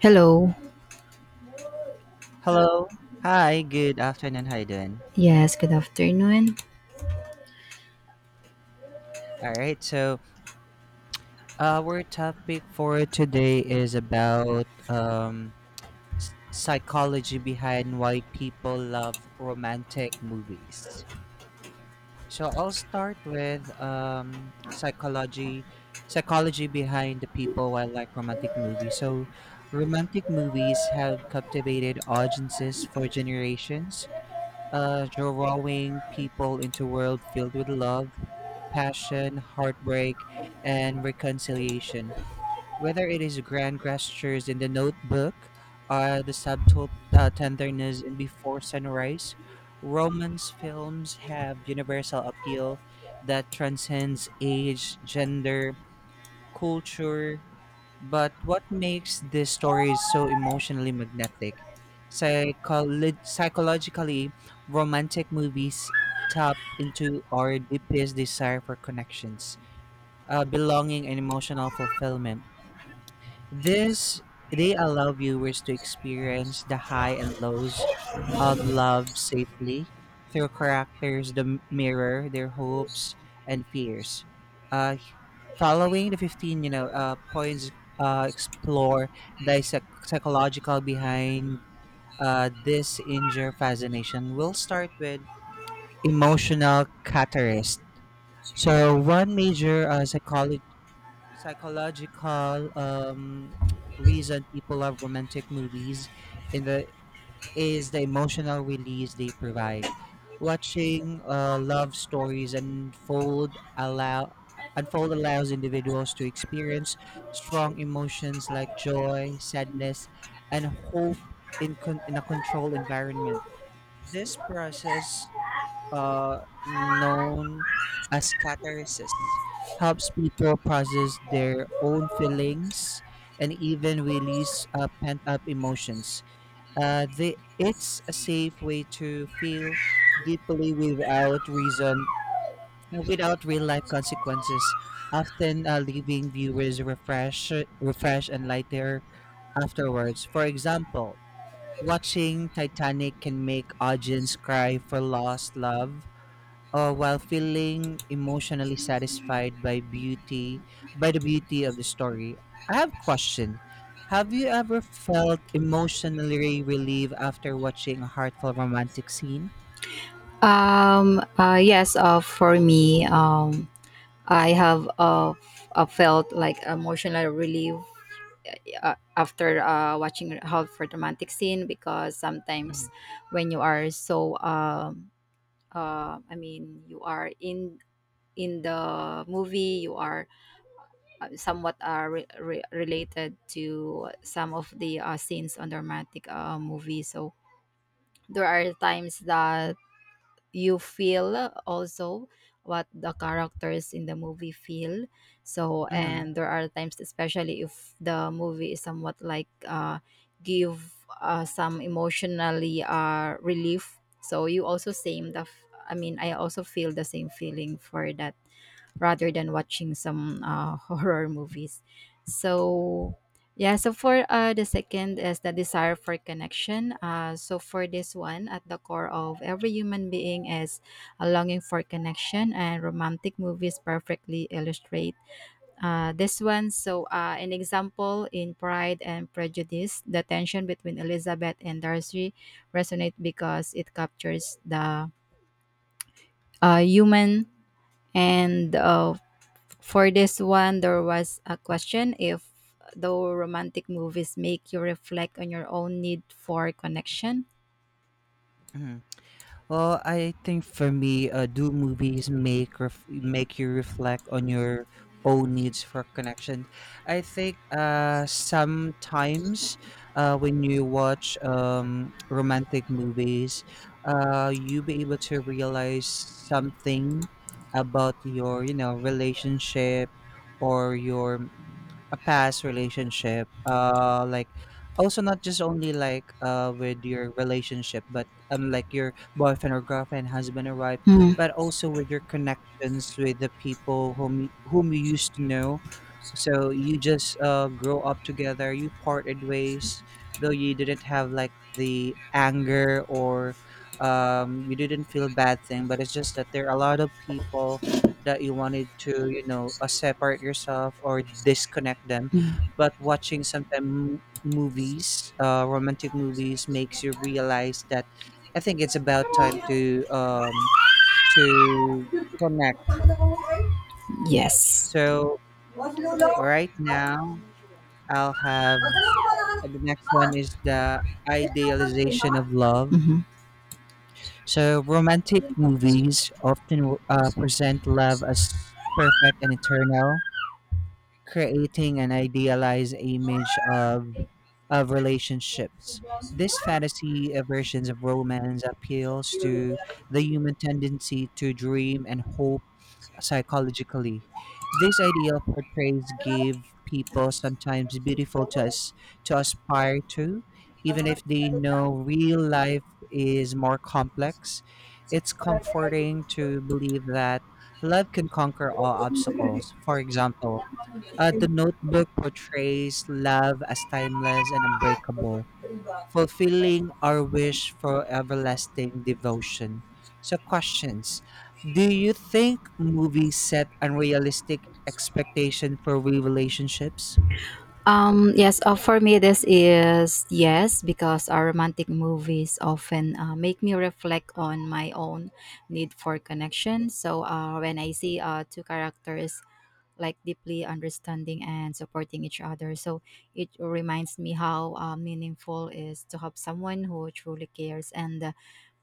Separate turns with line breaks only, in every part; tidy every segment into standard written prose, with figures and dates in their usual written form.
Hello.
Hello. Hi, good afternoon. How you doing?
Yes, good afternoon.
All right. Our topic for today is about psychology behind why people love romantic movies. So, I'll start with psychology behind the people why like romantic movies. So, romantic movies have captivated audiences for generations, drawing people into a world filled with love, passion, heartbreak, and reconciliation. Whether it is grand gestures in The Notebook or the subtle tenderness in Before Sunrise, romance films have universal appeal that transcends age, gender, culture. But what makes these stories so emotionally magnetic? Psychologically, romantic movies tap into our deepest desire for connections, belonging and emotional fulfillment. This They allow viewers to experience the high and lows of love safely through characters that mirror their hopes and fears. Uh, following the 15, points explore the psychological behind this injure fascination. We'll start with emotional catalyst. So one major psychology psychological reason people love romantic movies in the is the emotional release they provide. Watching love stories unfold allows individuals to experience strong emotions like joy, sadness, and hope in a controlled environment. This process, uh, known as catharsis, helps people process their own feelings and even release pent up emotions. It's a safe way to feel deeply without reason, without real life consequences, often leaving viewers refreshed and lighter afterwards. For example, watching Titanic can make audience cry for lost love, while feeling emotionally satisfied by the beauty of the story. I have a question: have you ever felt emotionally relieved after watching a heartfelt romantic scene?
Yes, for me I have felt like emotional relief after watching Halt for Romantic Scene because sometimes
Mm-hmm.
when you are you are in the movie you are somewhat related to some of the scenes on the romantic movie, so there are times that you feel also what the characters in the movie feel. So, and there are times especially if the movie is somewhat like give some emotionally relief, so you also same the I also feel the same feeling for that rather than watching some horror movies. So, yeah, so for the second is the desire for connection. So, for this one, at the core of every human being is a longing for connection, and romantic movies perfectly illustrate this one. So, an example in Pride and Prejudice, the tension between Elizabeth and Darcy resonate because it captures the human and for this one, there was a question if though romantic movies make you reflect on your own need for connection.
Mm-hmm. Well, I think for me, do movies make you reflect on your own needs for connection? I think sometimes, when you watch romantic movies, you be able to realize something about your, you know, relationship or your a past relationship, like, also not just only like, with your relationship but unlike your boyfriend or girlfriend, husband or wife,
Mm,
but also with your connections with the people whom you used to know, so you just, grow up together. You parted ways, though you didn't have like the anger or, you didn't feel bad thing. But it's just that there are a lot of people that you wanted to, you know, separate yourself or disconnect them.
mm.
But watching sometimes movies, romantic movies, makes you realize that I think it's about time to, to connect.
Yes.
So right now I'll have, and the next one is the idealization of love.
Hmm.
So romantic movies often present love as perfect and eternal, creating an idealized image of relationships. This fantasy, versions of romance appeals to the human tendency to dream and hope psychologically. This ideal portrays give people sometimes beautiful to us to aspire to, even if they know real life is more complex. It's comforting to believe that love can conquer all obstacles. For example, The Notebook portrays love as timeless and unbreakable, fulfilling our wish for everlasting devotion. So, questions: do you think movies set unrealistic expectation for real relationships?
Yes, for me, this is yes, because our romantic movies often make me reflect on my own need for connection. So, when I see two characters like deeply understanding and supporting each other. So it reminds me how meaningful is to have someone who truly cares. And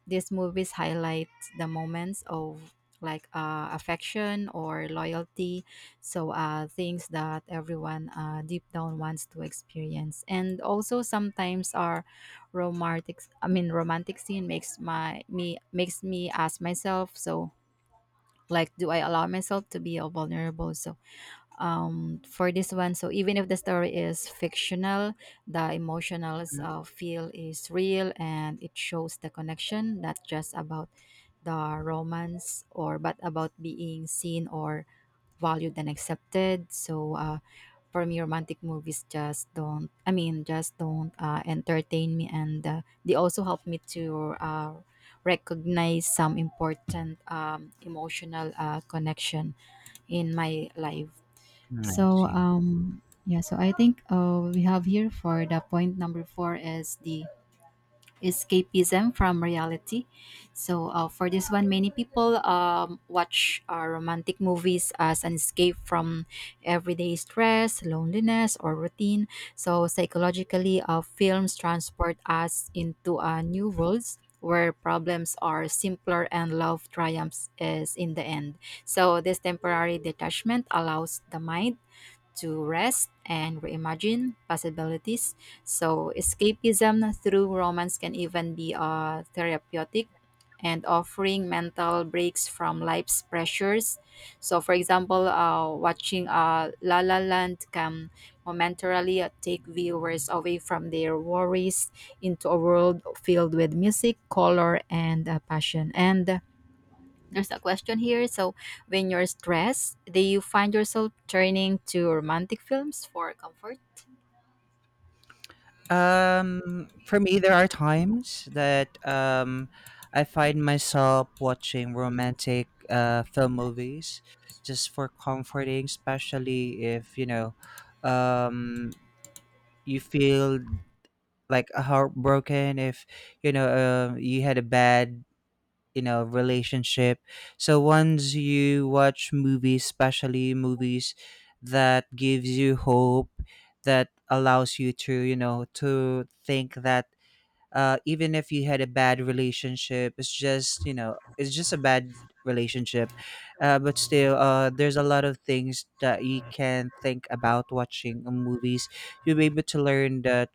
these movies highlight the moments of like affection or loyalty. So things that everyone deep down wants to experience. And also sometimes our romantic romantic scene makes my me makes me ask myself so like do I allow myself to be vulnerable so for this one. So even if the story is fictional, the emotional
Mm.
feel is real and it shows the connection, not just about the romance or but about being seen or valued and accepted. So for me, romantic movies just don't. I mean, just don't entertain me, and they also help me to recognize some important emotional connection in my life.
I
So
see.
yeah, so I think we have here for the point number four is the escapism from reality. So for this one, many people watch romantic movies as an escape from everyday stress, loneliness, or routine. So psychologically, films transport us into new worlds where problems are simpler and love triumphs is in the end. So this temporary detachment allows the mind to rest and reimagine possibilities. So, escapism through romance can even be therapeutic and offering mental breaks from life's pressures. So, for example, watching La La Land can momentarily take viewers away from their worries into a world filled with music, color, and passion. And there's a question here. So, when you're stressed, do you find yourself turning to romantic films for comfort?
For me, there are times that, I find myself watching romantic, film movies just for comforting, especially if you know, um, you feel like, heartbroken, if you know, you had a bad, you know, relationship. So once you watch movies, especially movies that gives you hope, that allows you to, you know, to think that, even if you had a bad relationship, it's just, you know, it's just a bad relationship. Uh, but still there's a lot of things that you can think about watching movies. You'll be able to learn that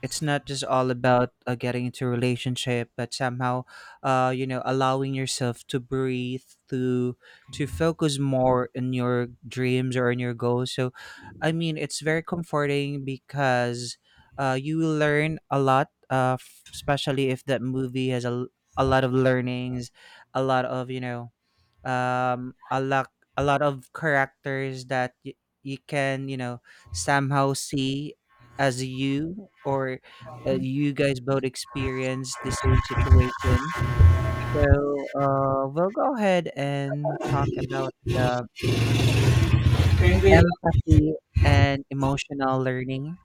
it's not just all about, getting into a relationship, but somehow, you know, allowing yourself to breathe, to focus more on your dreams or on your goals. So I mean it's very comforting because, you will learn a lot, especially if that movie has a lot of learnings, a lot of, you know, um a lot a lot of characters that you can, you know, somehow see as you, or, you guys both experience the same situation. So we'll go ahead and talk about the empathy and emotional learning.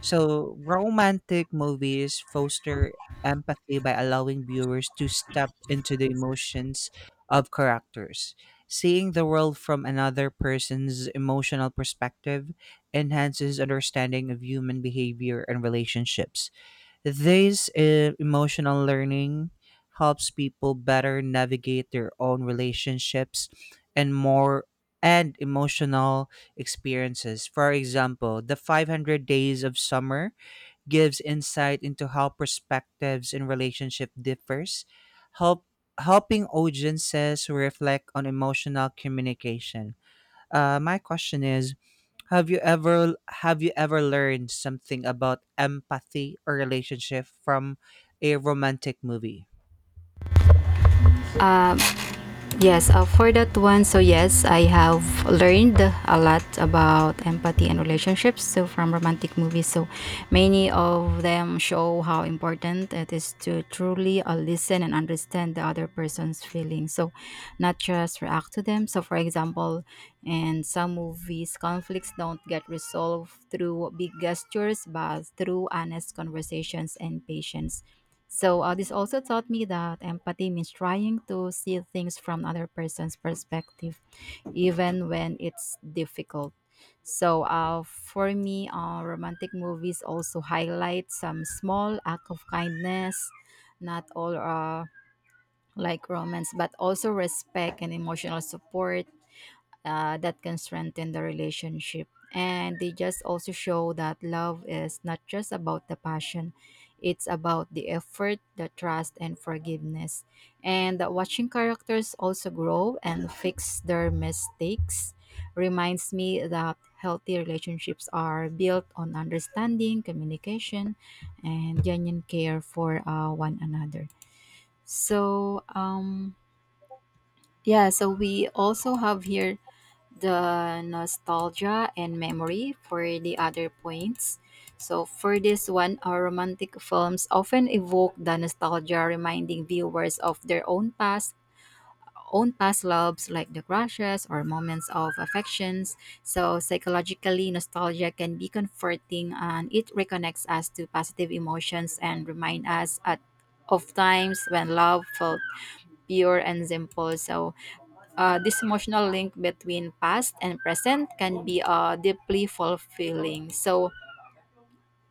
So, romantic movies foster empathy by allowing viewers to step into the emotions of characters. Seeing the world from another person's emotional perspective enhances understanding of human behavior and relationships. This emotional learning helps people better navigate their own relationships and more and emotional experiences. For example, The 500 Days of Summer gives insight into how perspectives in relationship differs, help helping audiences reflect on emotional communication. My question is, have you ever learned something about empathy or relationship from a romantic movie?
Uh, Yes, for that one, so yes, I have learned a lot about empathy and relationships. So from romantic movies, so many of them show how important it is to truly listen and understand the other person's feelings. So not just react to them. So for example, in some movies, conflicts don't get resolved through big gestures, but through honest conversations and patience. So this also taught me that empathy means trying to see things from another person's perspective, even when it's difficult. So for me, romantic movies also highlight some small act of kindness, not all like romance, but also respect and emotional support that can strengthen the relationship. And they just also show that love is not just about the passion, it's about the effort, the trust, and forgiveness. And that watching characters also grow and fix their mistakes reminds me that healthy relationships are built on understanding, communication, and genuine care for one another. So, yeah, so we also have here the nostalgia and memory for the other points. So for this one, our romantic films often evoke the nostalgia, reminding viewers of their own own past loves like the crushes or moments of affections. So psychologically, nostalgia can be comforting, and it reconnects us to positive emotions and remind us at of times when love felt pure and simple. So this emotional link between past and present can be deeply fulfilling. So,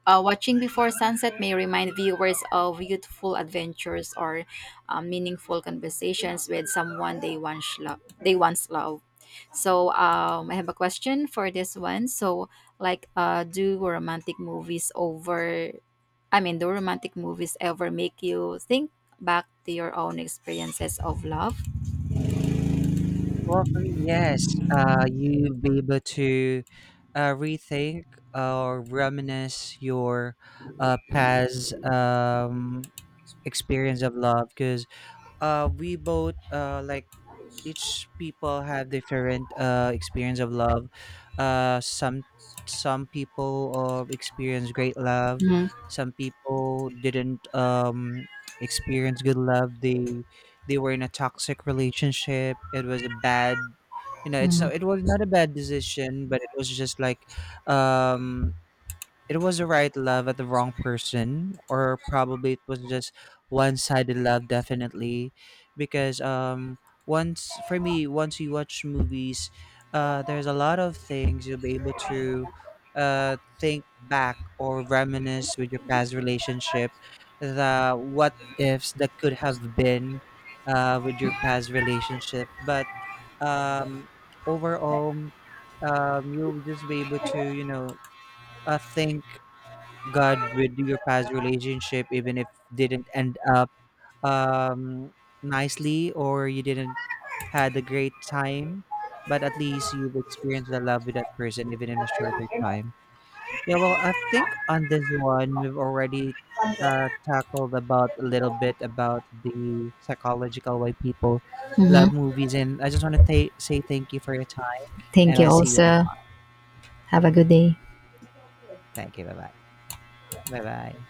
watching before sunset may remind viewers of youthful adventures or meaningful conversations with someone they once loved. They once loved. So, I have a question for this one. So, like, do romantic movies ever make you think back to your own experiences of love?
Well, for me, yes. You be able to, rethink or reminisce your, past, experience of love, because we both like, each people have different experience of love. Uh, some people, experience great love, some people didn't, experience good love. They were in a toxic relationship. It was a bad, you know, it's
Mm-hmm.
not, it was not a bad decision, but it was just like, um it was the right love at the wrong person, or probably it was just one-sided love. Definitely, because, once for me, once you watch movies, there's a lot of things you'll be able to, think back or reminisce with your past relationship, the what ifs that could have been with your past relationship. But, um overall, you'll just be able to, you know, think God with your past relationship, even if didn't end up, um, nicely, or you didn't had a great time, but at least you've experienced the love with that person, even in a shorter time. Yeah, well, I think on this one we've already, tackled about a little bit about the psychological way people
Mm-hmm.
love movies, and I just want to say thank you for your time,
Thank
and I
you
see you next
also.
time.
Have a good day.
Thank you. Bye bye. Bye bye.